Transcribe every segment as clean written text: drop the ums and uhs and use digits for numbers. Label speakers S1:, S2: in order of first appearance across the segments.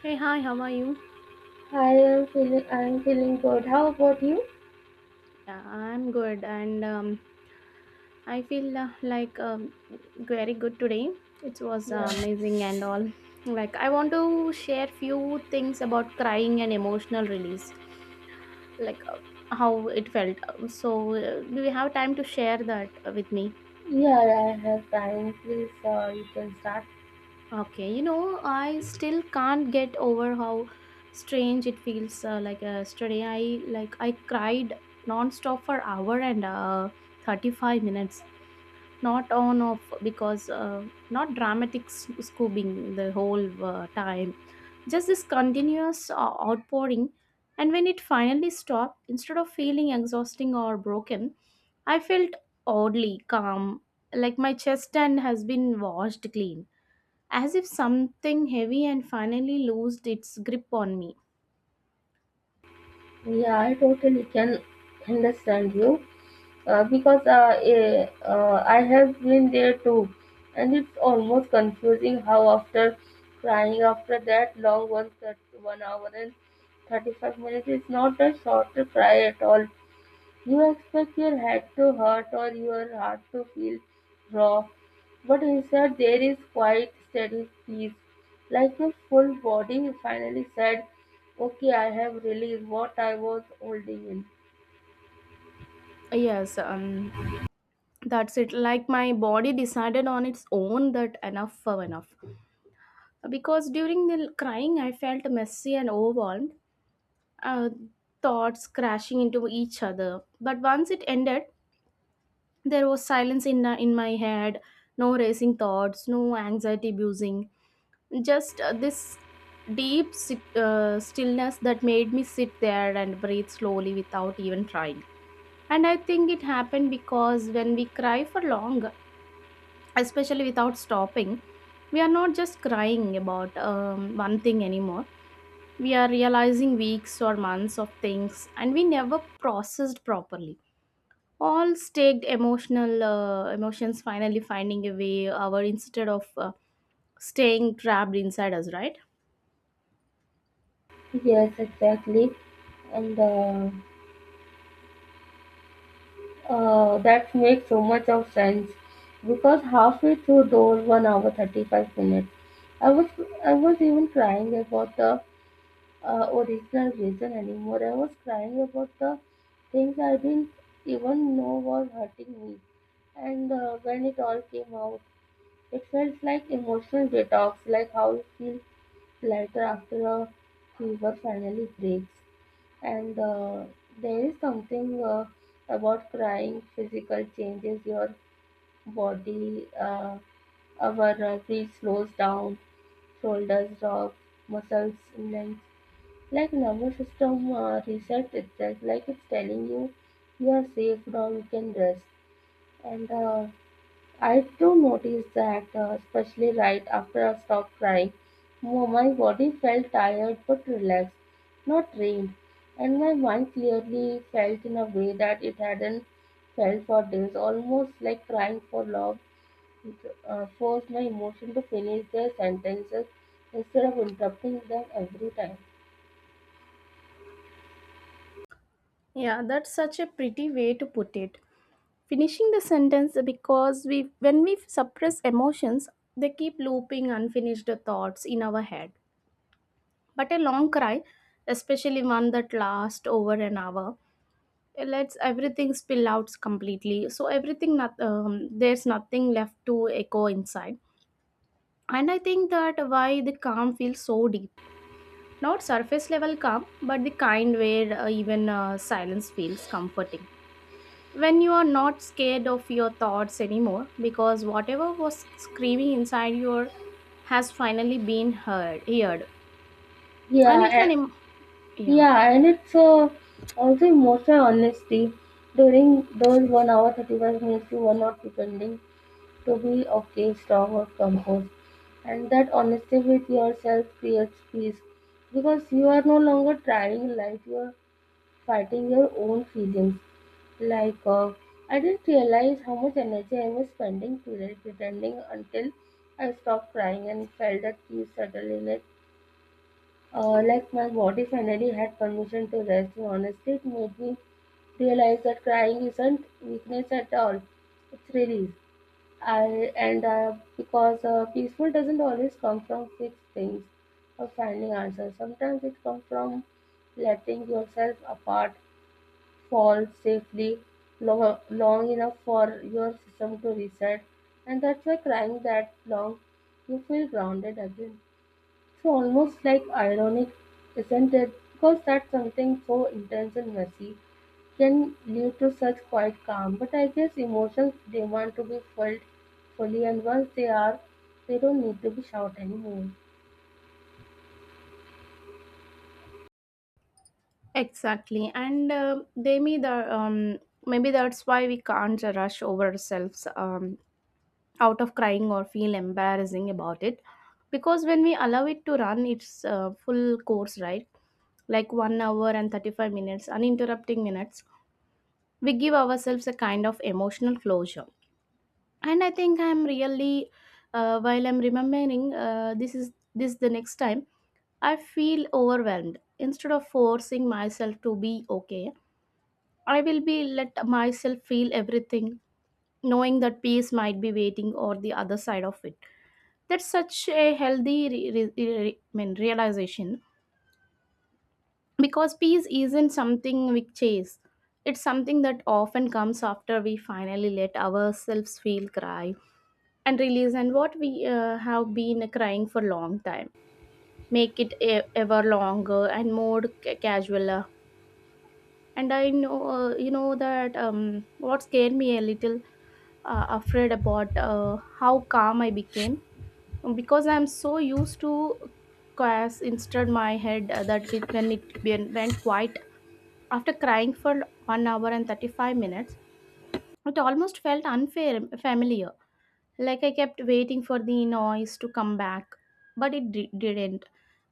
S1: Hey, hi, how are you?
S2: I am feeling good. How about you?
S1: Yeah, I'm good, and I feel like very good today. It was
S2: Yeah.
S1: amazing and all. Like I want to share few things about crying and emotional release, like how it felt. So, do you have time to share that with me?
S2: Yeah, I have time. Please, you can start.
S1: Okay, you know, I still can't get over how strange it feels. Like yesterday, I cried non-stop for hour and 35 minutes, not on off, because not dramatic scooping the whole time, just this continuous outpouring. And when it finally stopped, instead of feeling exhausting or broken, I felt oddly calm, like my chest and has been washed clean, as if something heavy and finally loosed its grip on me.
S2: Yeah, I totally can understand you I have been there too, and it's almost confusing how after crying after that long one that 1 hour and 35 minutes is not a short cry at all. You expect your head to hurt or your heart to feel raw, but instead there is quite steady peace, like your full body finally said, "Okay, I have released what I was holding in."
S1: Yes, that's it. Like my body decided on its own that enough for enough, because during the crying I felt messy and overwhelmed, uh, thoughts crashing into each other. But once it ended, there was silence in my head, no racing thoughts, no anxiety buzzing, just this deep stillness that made me sit there and breathe slowly without even trying. And I think it happened because when we cry for long, especially without stopping, we are not just crying about one thing anymore. We are realizing weeks or months of things and we never processed properly, all staked emotional emotions finally finding a way our, instead of staying trapped inside us, right?
S2: Yes, exactly. And That makes so much of sense because halfway through those 1 hour 35 minutes, I was I was even crying about the original reason anymore. I was crying about the things I didn't even know was hurting me. And When it all came out, it felt like emotional detox, like how you feel lighter after a fever finally breaks. And There is something about crying, physical changes, your body, our breath slows down, shoulders drop, muscles lengthen like number system resets itself, like it's telling you you're safe now, you can rest. And I do notice that, especially right after I stopped crying, my body felt tired but relaxed, not drained, and my mind clearly felt in a way that it hadn't felt for days, almost like crying for love forced my emotion to finish their sentences instead of interrupting them every time.
S1: Yeah, that's such a pretty way to put it, finishing the sentence, because we when we suppress emotions they keep looping unfinished thoughts in our head. But a long cry, especially one that lasts over an hour, it lets everything spill out completely, so everything not, there's nothing left to echo inside. And I think that why the calm feels so deep, not surface level calm, but the kind where even silence feels comforting, when you are not scared of your thoughts anymore, because whatever was screaming inside your has finally been heard. And it's an
S2: Yeah.
S1: em- yeah
S2: Yeah, and it's also emotional honesty during those 1 hour 35 minutes. You are not pretending to be okay, strong or composed. And that honesty with yourself creates peace because you are no longer trying life, you are fighting your own feelings. Like, uh, I didn't realize how much energy I was spending today pretending until I stopped crying and felt that peace settle in it like my body finally had permission to rest. And honestly, it made me realize that crying isn't weakness at all; it's release. I and because Peaceful doesn't always come from fixed things or finding answers. Sometimes it comes from letting yourself apart, fall safely long, long enough for your system to reset, and that's why crying that long, you feel grounded again. So almost like ironic, isn't it? Because that something so intense and messy can lead to such quiet calm. But I guess emotions demand to be felt fully, and once they are, they don't need to be shouted anymore.
S1: Exactly. And they may the maybe that's why we can't rush ourselves out of crying or feel embarrassing about it, because when we allow it to run its full course, right, like 1 hour and 35 minutes, uninterrupting minutes, we give ourselves a kind of emotional closure. And I think I'm really, while I'm remembering this is this the next time I feel overwhelmed, instead of forcing myself to be okay, I will be let myself feel everything, knowing that peace might be waiting or the other side of it. That's such a healthy realization, because peace isn't something we chase. It's something that often comes after we finally let ourselves feel cry and release, and what we have been crying for a long time. Make it ever longer and more casual. And I know, you know that what scared me a little afraid about how calm I became, because I'm so used to chaos. Instead, my head that bit when it went quiet after crying for 1 hour and 35 minutes, it almost felt unfair, familiar. Like I kept waiting for the noise to come back, but it didn't.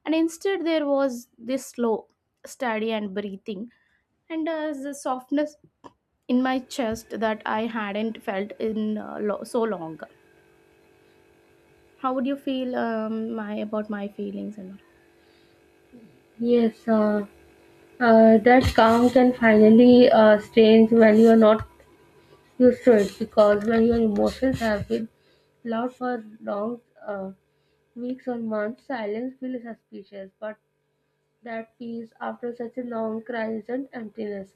S1: And instead, there was this slow, steady, and breathing, and the softness in my chest that I hadn't felt in so long. How would you feel my about my feelings and
S2: Yes, that calm can finally strange when you are not used to it, because when your emotions have been loud for long uh, weeks or months, silence feels suspicious. But that peace after such a long crisis and emptiness.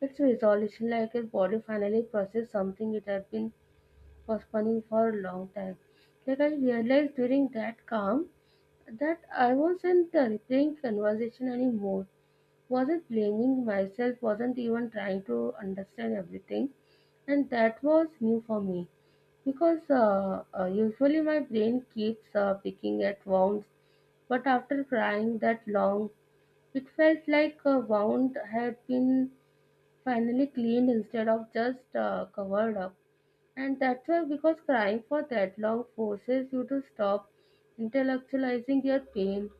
S2: It's resolution, like a body finally processed something it had been postponing for a long time. Like I realized during that calm that I wasn't replaying conversation anymore, wasn't blaming myself, wasn't even trying to understand everything, and that was new for me because usually my brain keeps picking at wounds, but after crying that long, it felt like a wound had been finally cleaned instead of just covered up. And that's why, because crying for that long forces you to stop intellectualizing your pain,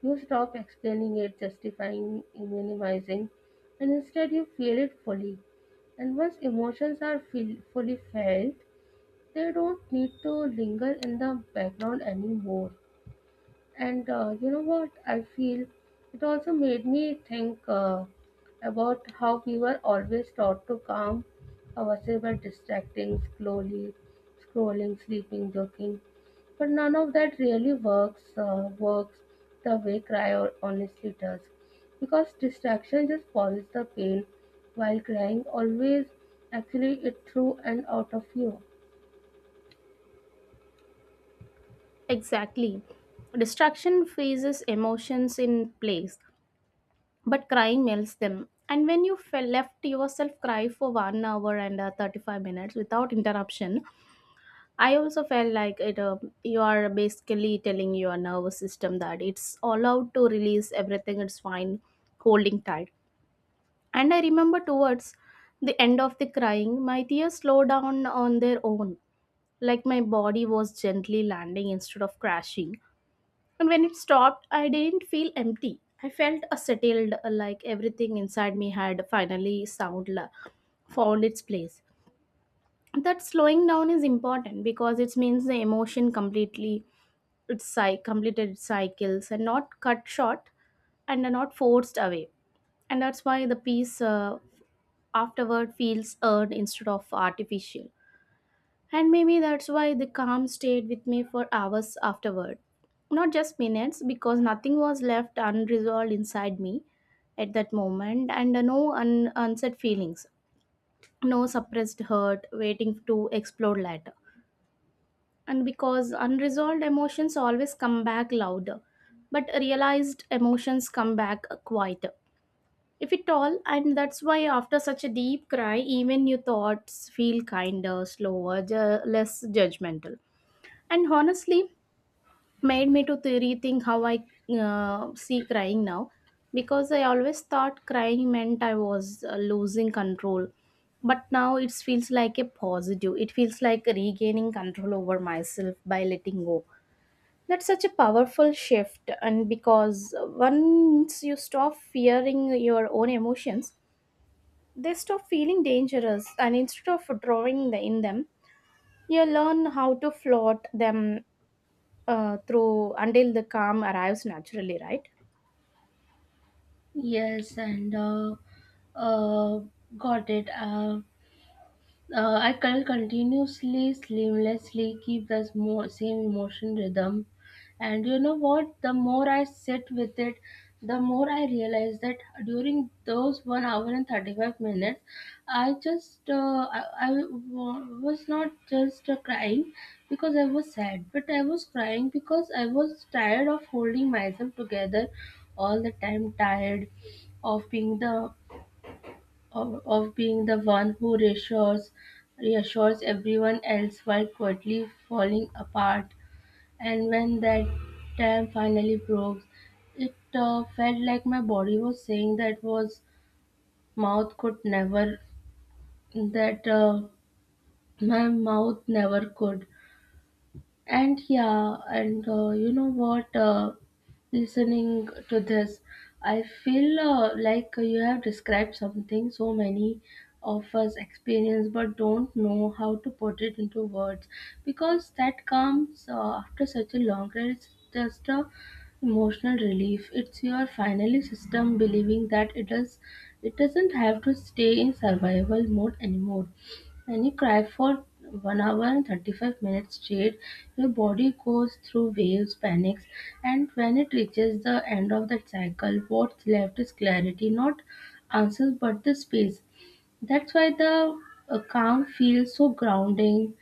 S2: you stop explaining it, justifying, minimizing, and instead you feel it fully. And once emotions are fully felt, they don't need to linger in the background anymore. And You know what? I feel it also made me think about how we were always taught to calm ourselves by distracting, slowly scrolling, sleeping, joking. But none of that really works. Works the way cry or honestly does, because distraction just pauses the pain, while crying always actually it through and out of you.
S1: all? Exactly, distraction freezes emotions in place, but crying melts them. And when you fell, left yourself cry for 1 hour and 35 minutes without interruption, I also felt like it you are basically telling your nervous system that it's allowed to release everything, it's fine holding tight. And I remember towards the end of the crying, my tears slowed down on their own, like my body was gently landing instead of crashing. And when it stopped, I didn't feel empty. I felt settled, like everything inside me had finally found its place. That slowing down is important, because it means the emotion completely completed its cycles and not cut short and are not forced away. And that's why the peace afterward feels earned instead of artificial. And maybe that's why the calm stayed with me for hours afterward, not just minutes, because nothing was left unresolved inside me at that moment, and no unsaid feelings, no suppressed hurt waiting to explode later. And because unresolved emotions always come back louder, but realized emotions come back quieter, if at all. And that's why after such a deep cry, even your thoughts feel kinder, slower, less judgmental. And honestly, made me to rethink how I see crying now, because I always thought crying meant I was losing control, but now it feels like a positive, it feels like regaining control over myself by letting go. That's such a powerful shift, and because once you stop fearing your own emotions, they stop feeling dangerous, and instead of drawing the, in them, you learn how to float them through until the calm arrives naturally, right?
S2: Yes, and uh, got it. I can continuously, seamlessly keep the same emotion rhythm. And you know what? The more I sit with it, the more I realize that during those 1 hour and 35 minutes, I just, I was not just crying because I was sad, but I was crying because I was tired of holding myself together all the time, tired of being the of being the one who reassures everyone else while quietly falling apart. And when that dam finally broke, it felt like my body was saying that was mouth could never that my mouth never could. And yeah, and You know what? Listening to this, I feel like you have described something so many of us experience but don't know how to put it into words because that comes after such a long ride. It's just a emotional relief. It's your finally system believing that it doesn't have to stay in survival mode anymore. When you cry for 1 hour and 35 minutes straight, your body goes through waves, panics, and when it reaches the end of that cycle, what's left is clarity, not answers but the space. That's why the calm feels so grounding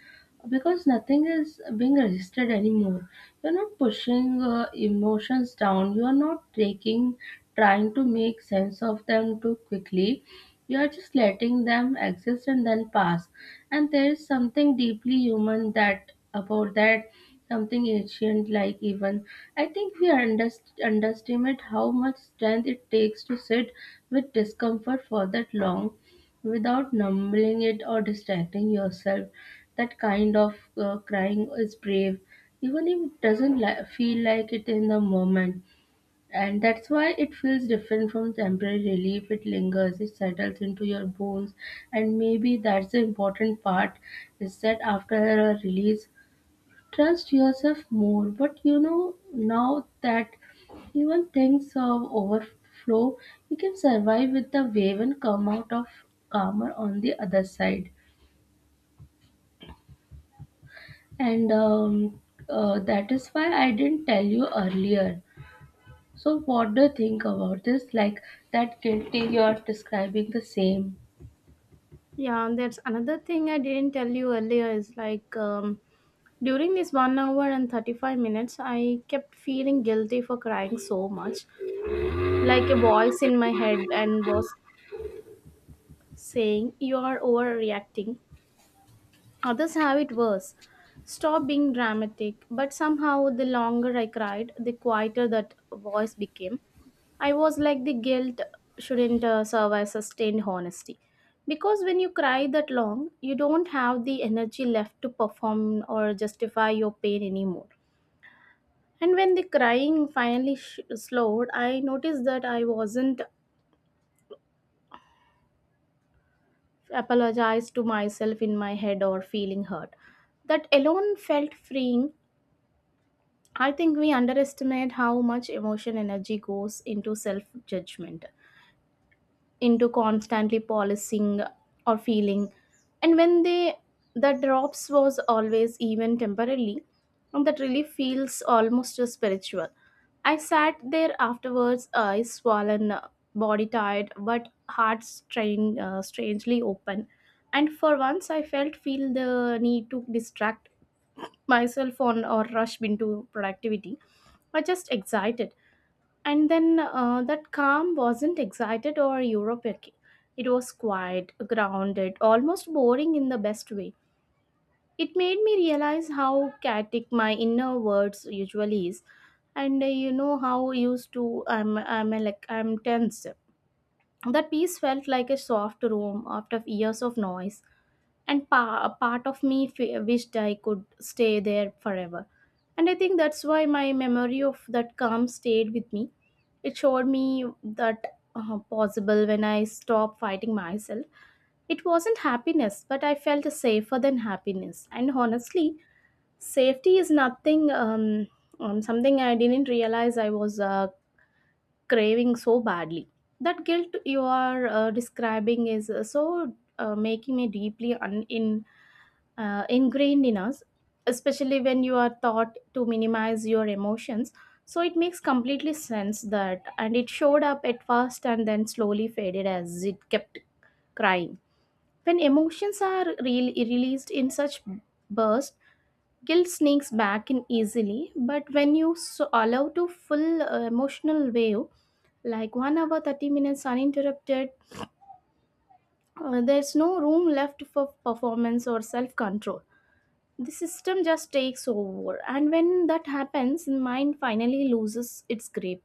S2: because nothing is being resisted anymore. You're not pushing emotions down, you're not trying to make sense of them too quickly. You are just letting them exist and then pass. And there is something deeply human that about that, something ancient like even. I think we underestimate how much strength it takes to sit with discomfort for that long without numbing it or distracting yourself. That kind of crying is brave, even if it doesn't feel like it in the moment. And that's why it feels different from temporary relief. It lingers, it settles into your bones, and maybe that's the important part, is that after a release, trust yourself more. But you know, now that even things of overflow, you can survive with the wave and come out of calmer on the other side. And That is why I didn't tell you earlier. So, what do you think about this? Like that guilty you are describing the same.
S1: Yeah, and that's another thing I didn't tell you earlier is like during this 1 hour and 35 minutes, I kept feeling guilty for crying so much. Like a voice in my head and was saying, "You are overreacting. Others have it worse. Stop being dramatic." But somehow, the longer I cried, the quieter that voice became. I was like, the guilt shouldn't serve as sustained honesty, because when you cry that long, you don't have the energy left to perform or justify your pain anymore. And when the crying finally slowed, I noticed that I wasn't apologized to myself in my head or feeling hurt. That alone felt freeing. I think we underestimate how much emotion energy goes into self judgment, into constantly policing or feeling. And when they that drops was always even temporarily, and that really feels almost spiritual. I sat there afterwards, eyes swollen, body tired, but heart strained, strangely open. And for once, I felt feel the need to distract myself on or rush into productivity. I just excited, and then that calm wasn't excited or European. It was quiet, grounded, almost boring in the best way. It made me realize how chaotic my inner words usually is, and you know how used to I'm like I'm tense. That piece felt like a soft room after years of noise, and a part of me wished I could stay there forever. And I think that's why my memory of that calm stayed with me. It showed me that possible when I stopped fighting myself. It wasn't happiness, but I felt safer than happiness. And honestly, safety is nothing, something I didn't realize I was craving so badly. That guilt you are describing is so making me deeply ingrained in us, especially when you are taught to minimize your emotions. So it makes completely sense that, and it showed up at first and then slowly faded as it kept crying. When emotions are released in such bursts, guilt sneaks back in easily. But when you so allow to full emotional wave, like 1 hour 30 minutes uninterrupted, there's no room left for performance or self control. The system just takes over, and when that happens the mind finally loses its grip,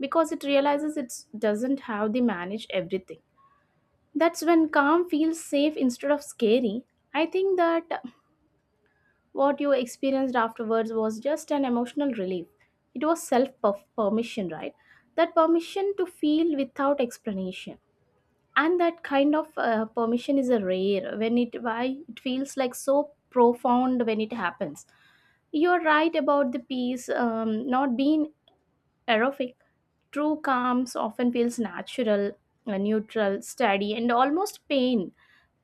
S1: because it realizes it doesn't have the manage everything. That's when calm feels safe instead of scary. I think that what you experienced afterwards was just an emotional relief. It was self permission, right? That permission to feel without explanation. And that kind of permission is a rare when it why it feels like so profound when it happens. You're right about the peace not being aerobic. True calms often feels natural, neutral, steady, and almost pain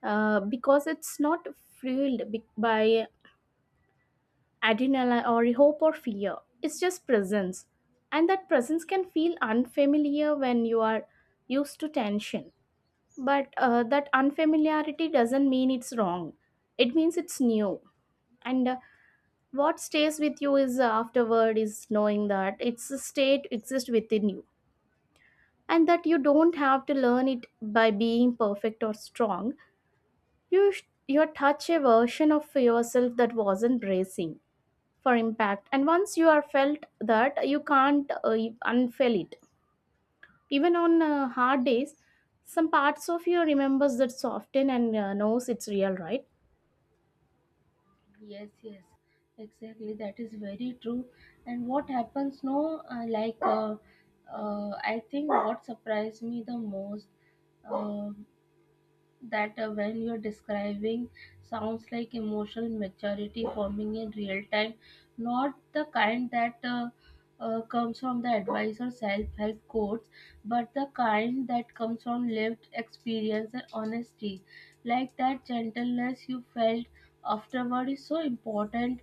S1: because it's not fueled by adrenaline or hope or fear. It's just presence. And that presence can feel unfamiliar when you are used to tension. But that unfamiliarity doesn't mean it's wrong, it means it's new. And What stays with you is afterward is knowing that it's a state exists within you, and that you don't have to learn it by being perfect or strong. You you touch a version of yourself that wasn't bracing for impact, and once you are felt that you can't unfell it, even on hard days. Some parts of you remembers that soften and knows it's real, right?
S2: Yes, yes, exactly. That is very true. And what happens, no, like, I think what surprised me the most. uh, that when you're describing sounds like emotional maturity forming in real time, not the kind that comes from the advice or self help quotes, but the kind that comes from lived experience and honesty. Like that gentleness you felt afterward is so important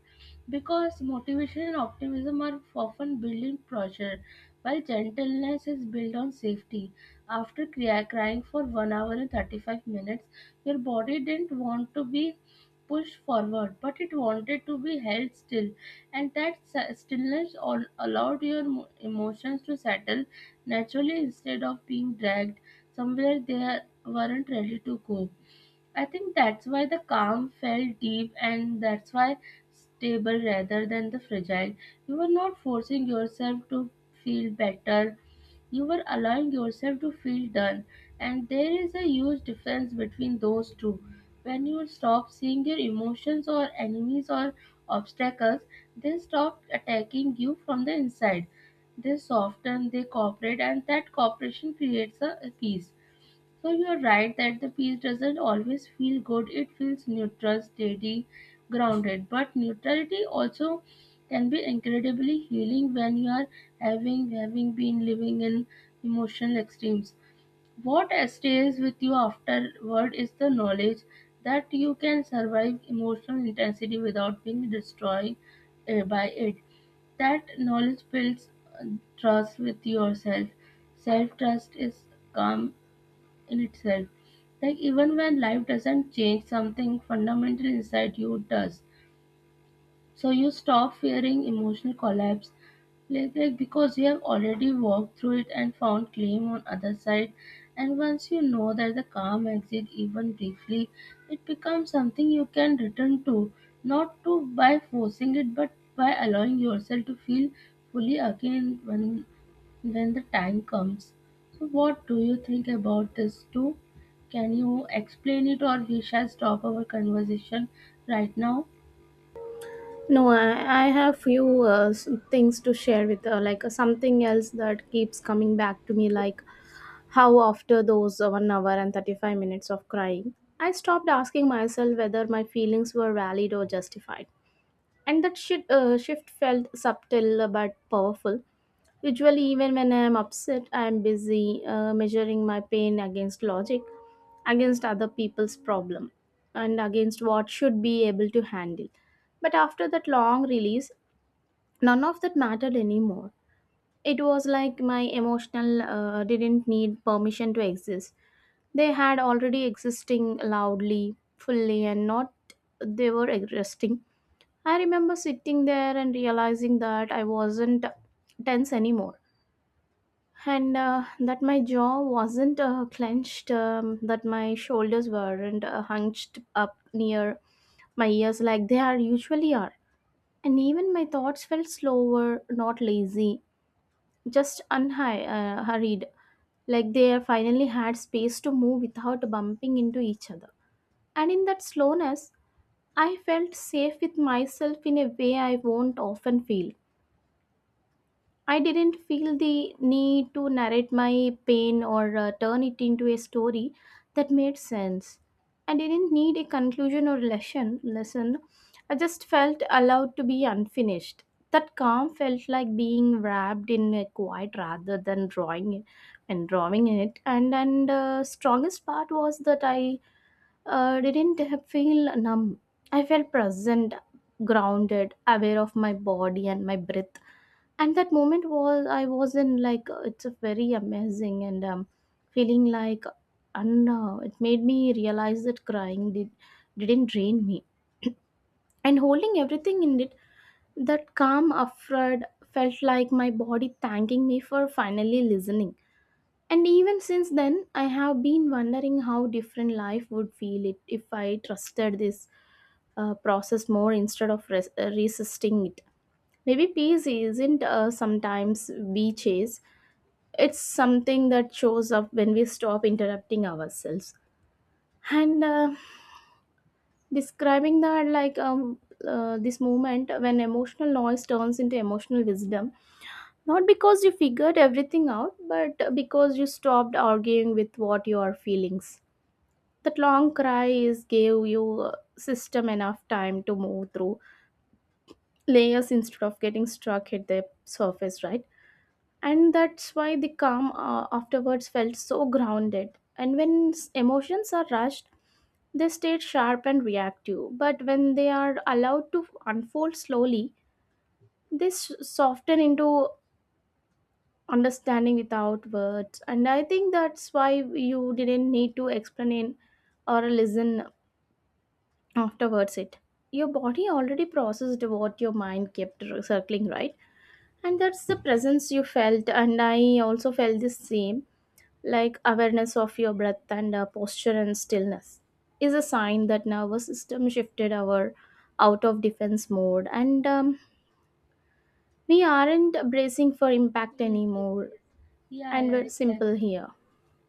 S2: because motivation and optimism are often built in pressure, while gentleness is built on safety. After crying for 1 hour and 35 minutes, your body didn't want to be pushed forward, but it wanted to be held still. And that stillness all allowed your emotions to settle naturally instead of being dragged somewhere they weren't ready to go. I think that's why the calm felt deep and that's why stable rather than the fragile. You were not forcing yourself to feel better, you are allowing yourself to feel done, and there is a huge difference between those two. When you stop seeing your emotions or enemies or obstacles, they stop attacking you from the inside, they soften, they cooperate, and that cooperation creates a peace. So you're right that the peace doesn't always feel good. It feels neutral, steady, grounded. But neutrality also can be incredibly healing when you are having been living in emotional extremes. What stays with you afterward is the knowledge that you can survive emotional intensity without being destroyed by it. That knowledge builds uh, trust with yourself. Self trust is calm in itself. Like even when life doesn't change, something fundamental inside you does. So you stop fearing emotional collapse, like because you have already walked through it and found claim on other side. And once you know that the calm exit even briefly, it becomes something you can return to, not to by forcing it, but by allowing yourself to feel fully again when the time comes. So what do you think about this too? Can you explain it or we shall stop our conversation right now?
S1: no I, I have few things to share with, something else that keeps coming back to me, like how after those 1 hour and 35 minutes of crying, I stopped asking myself whether my feelings were valid or justified. And that shift felt subtle but powerful. Usually, even when I'm upset, I'm busy measuring my pain against logic, against other people's problem, and against what should be able to handle. But after that long release, none of that mattered anymore. It was like my emotional didn't need permission to exist. They had already existing loudly, fully, and not. They were existing. I remember sitting there and realizing that I wasn't tense anymore, and that my jaw wasn't clenched, that my shoulders weren't hunched up near my ears like they are usually are, and even my thoughts felt slower, not lazy, just hurried, like they finally had space to move without bumping into each other. And in that slowness, I felt safe with myself in a way I won't often feel. I didn't feel the need to narrate my pain or turn it into a story that made sense. I didn't need a conclusion or lesson. Lesson. I just felt allowed to be unfinished. That calm felt like being wrapped in a quiet rather than drawing it and drawing in it. And strongest part was that I didn't feel numb. I felt present, grounded, aware of my body and my breath, and that moment was I was in, like it's a very amazing and feeling like. And it made me realize that crying didn't drain me and holding everything in it, that calm afraid, felt like my body thanking me for finally listening. And even since then, I have been wondering how different life would feel it if I trusted this process more instead of resisting it. Maybe peace isn't sometimes we chase, it's something that shows up when we stop interrupting ourselves. And describing that, like this moment when emotional noise turns into emotional wisdom, not because you figured everything out, but because you stopped arguing with what your feelings. That long cry is gave you system enough time to move through layers instead of getting stuck at the surface, right? And that's why the calm afterwards felt so grounded. And when emotions are rushed, they stay sharp and reactive, but when they are allowed to unfold slowly, they soften into understanding without words. And I think that's why you didn't need to explain or listen afterwards. It your body already processed what your mind kept circling, right? And that's the presence you felt, and I also felt the same, like awareness of your breath and posture and stillness is a sign that nervous system shifted our out of defense mode, and we aren't bracing for impact
S2: Yes, yes,
S1: anymore,
S2: yes. Yeah,
S1: and
S2: yeah,
S1: we're simple
S2: exactly.
S1: here.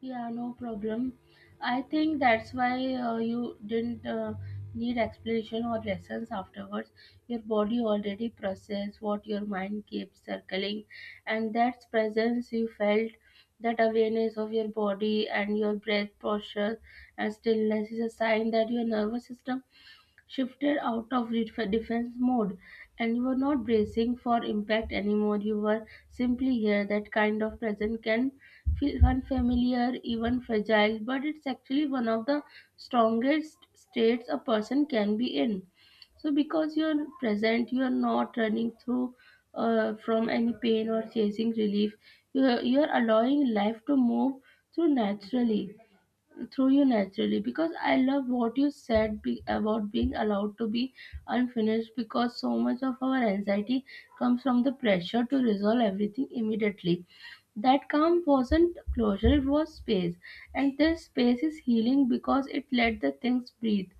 S2: Yeah, no problem. I think that's why you didn't need explanation or lessons afterwards. Your body already processed what your mind keeps circling, and that presence you felt, that awareness of your body and your breath posture and stillness is a sign that your nervous system shifted out of defense mode, and you were not bracing for impact anymore. You were simply here. That kind of present can feel unfamiliar, even fragile, but it's actually one of the strongest states a person can be in. So because you're present, you are not running through from any pain or chasing relief. You are allowing life to move through naturally, through you naturally, because I love what you said about being allowed to be unfinished, because so much of our anxiety comes from the pressure to resolve everything immediately. That calm wasn't closure, it was space, and this space is healing because it let the things breathe.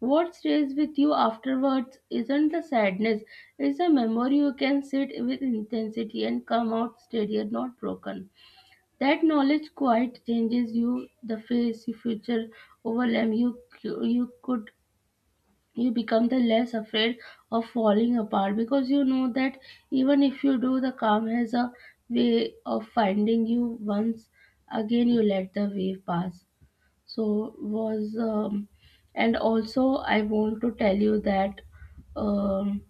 S2: What stays with you afterwards isn't the sadness, it's a memory. You can sit with intensity and come out steadier, not broken. That knowledge quite changes you. The face you future overwhelm you you could You become the less afraid of falling apart, because you know that even if you do, the calm has a way of finding you once again. You let the wave pass. So was and also I want to tell you that um,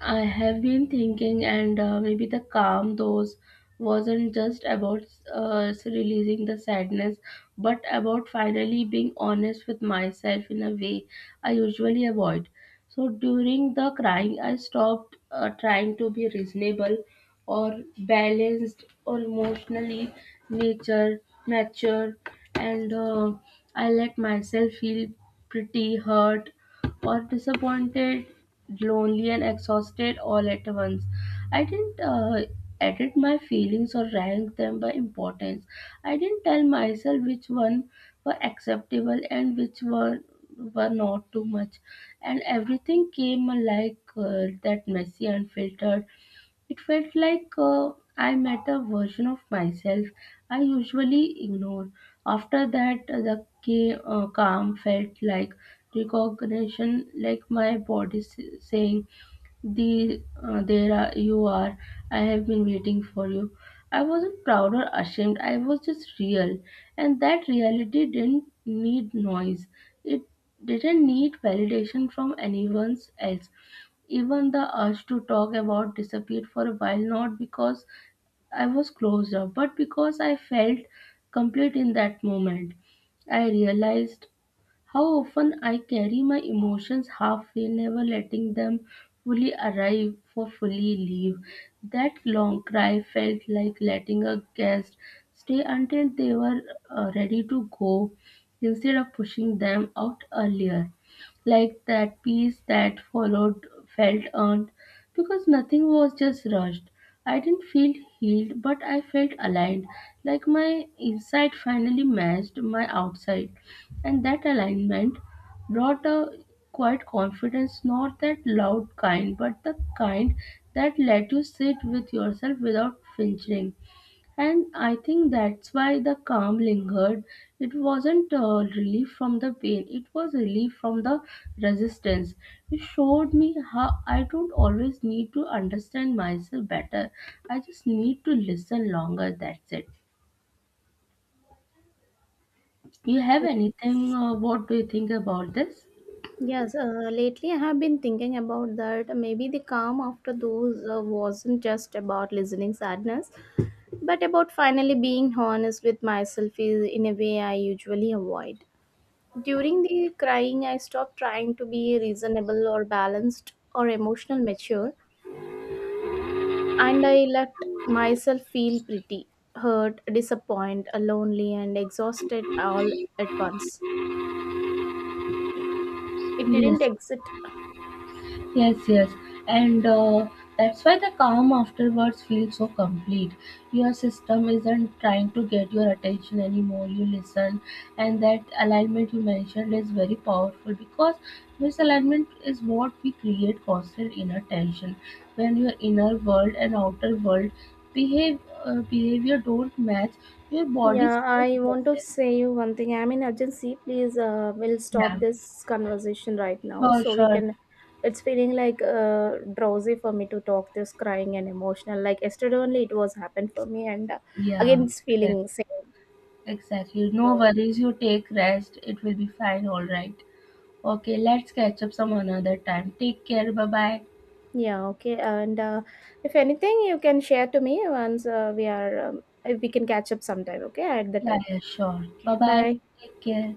S2: I have been thinking, and maybe the calm those wasn't just about releasing the sadness, but about finally being honest with myself in a way I usually avoid. So during the crying, I stopped trying to be reasonable or balanced or emotionally nature mature, and I let myself feel pretty hurt or disappointed, lonely and exhausted all at once. I didn't edit my feelings or rank them by importance. I didn't tell myself which one were acceptable and which one were not too much, and everything came like that, messy, unfiltered. It felt like I met a version of myself I usually ignore. After that, calm felt like recognition, like my body saying, you are. I have been waiting for you. I wasn't proud or ashamed. I was just real. And that reality didn't need noise. It didn't need validation from anyone else. Even the urge to talk about disappeared for a while, not because I was closed up, but because I felt complete in that moment. I realized how often I carry my emotions halfway, never letting them fully arrive for fully leave. That long cry felt like letting a guest stay until they were ready to go, instead of pushing them out earlier. Like that peace that followed felt earned, because nothing was just rushed. I didn't feel healed, but I felt aligned, like my inside finally matched my outside. And that alignment brought a quiet confidence, not that loud kind, but the kind that let you sit with yourself without flinching. And I think that's why the calm lingered. It wasn't relief from the pain, it was relief from the resistance. It showed me how I don't always need to understand myself better. I just need to listen longer. That's it. You have anything? What do you think about this?
S1: Yes, lately I have been thinking about that. Maybe the calm after those wasn't just about listening sadness, but about finally being honest with myself is in a way I usually avoid. During the crying, I stopped trying to be reasonable or balanced or emotional mature, and I let myself feel pretty hurt, disappointed, lonely, and exhausted all at once. It
S2: Yes.
S1: didn't exit.
S2: Yes, yes. And that's why the calm afterwards feels so complete. Your system isn't trying to get your attention anymore. You listen, and that alignment you mentioned is very powerful, because misalignment is what we create constant inner tension. When your inner world and outer world behave behavior don't match, your body
S1: Yeah,
S2: stays
S1: I want to
S2: restless.
S1: say you one thing. I'm in urgency. Please, we'll stop
S2: Yeah,
S1: this conversation right now
S2: sure,
S1: so we
S2: sure.
S1: can. It's feeling like drowsy for me to talk this crying and emotional. Like yesterday only, it was happened for me, and again,
S2: Yeah,
S1: it's
S2: exactly.
S1: feeling same.
S2: Exactly.
S1: So
S2: No worries, you take rest. It will be fine, all right. Okay, let's catch up some another time. Take care. Bye bye.
S1: yeah, okay. And if anything, you can share to me once we are, if we can catch up sometime. Okay, at the
S2: Yeah,
S1: time.
S2: yeah, sure.
S1: Okay,
S2: Bye bye.
S1: bye.
S2: Take care.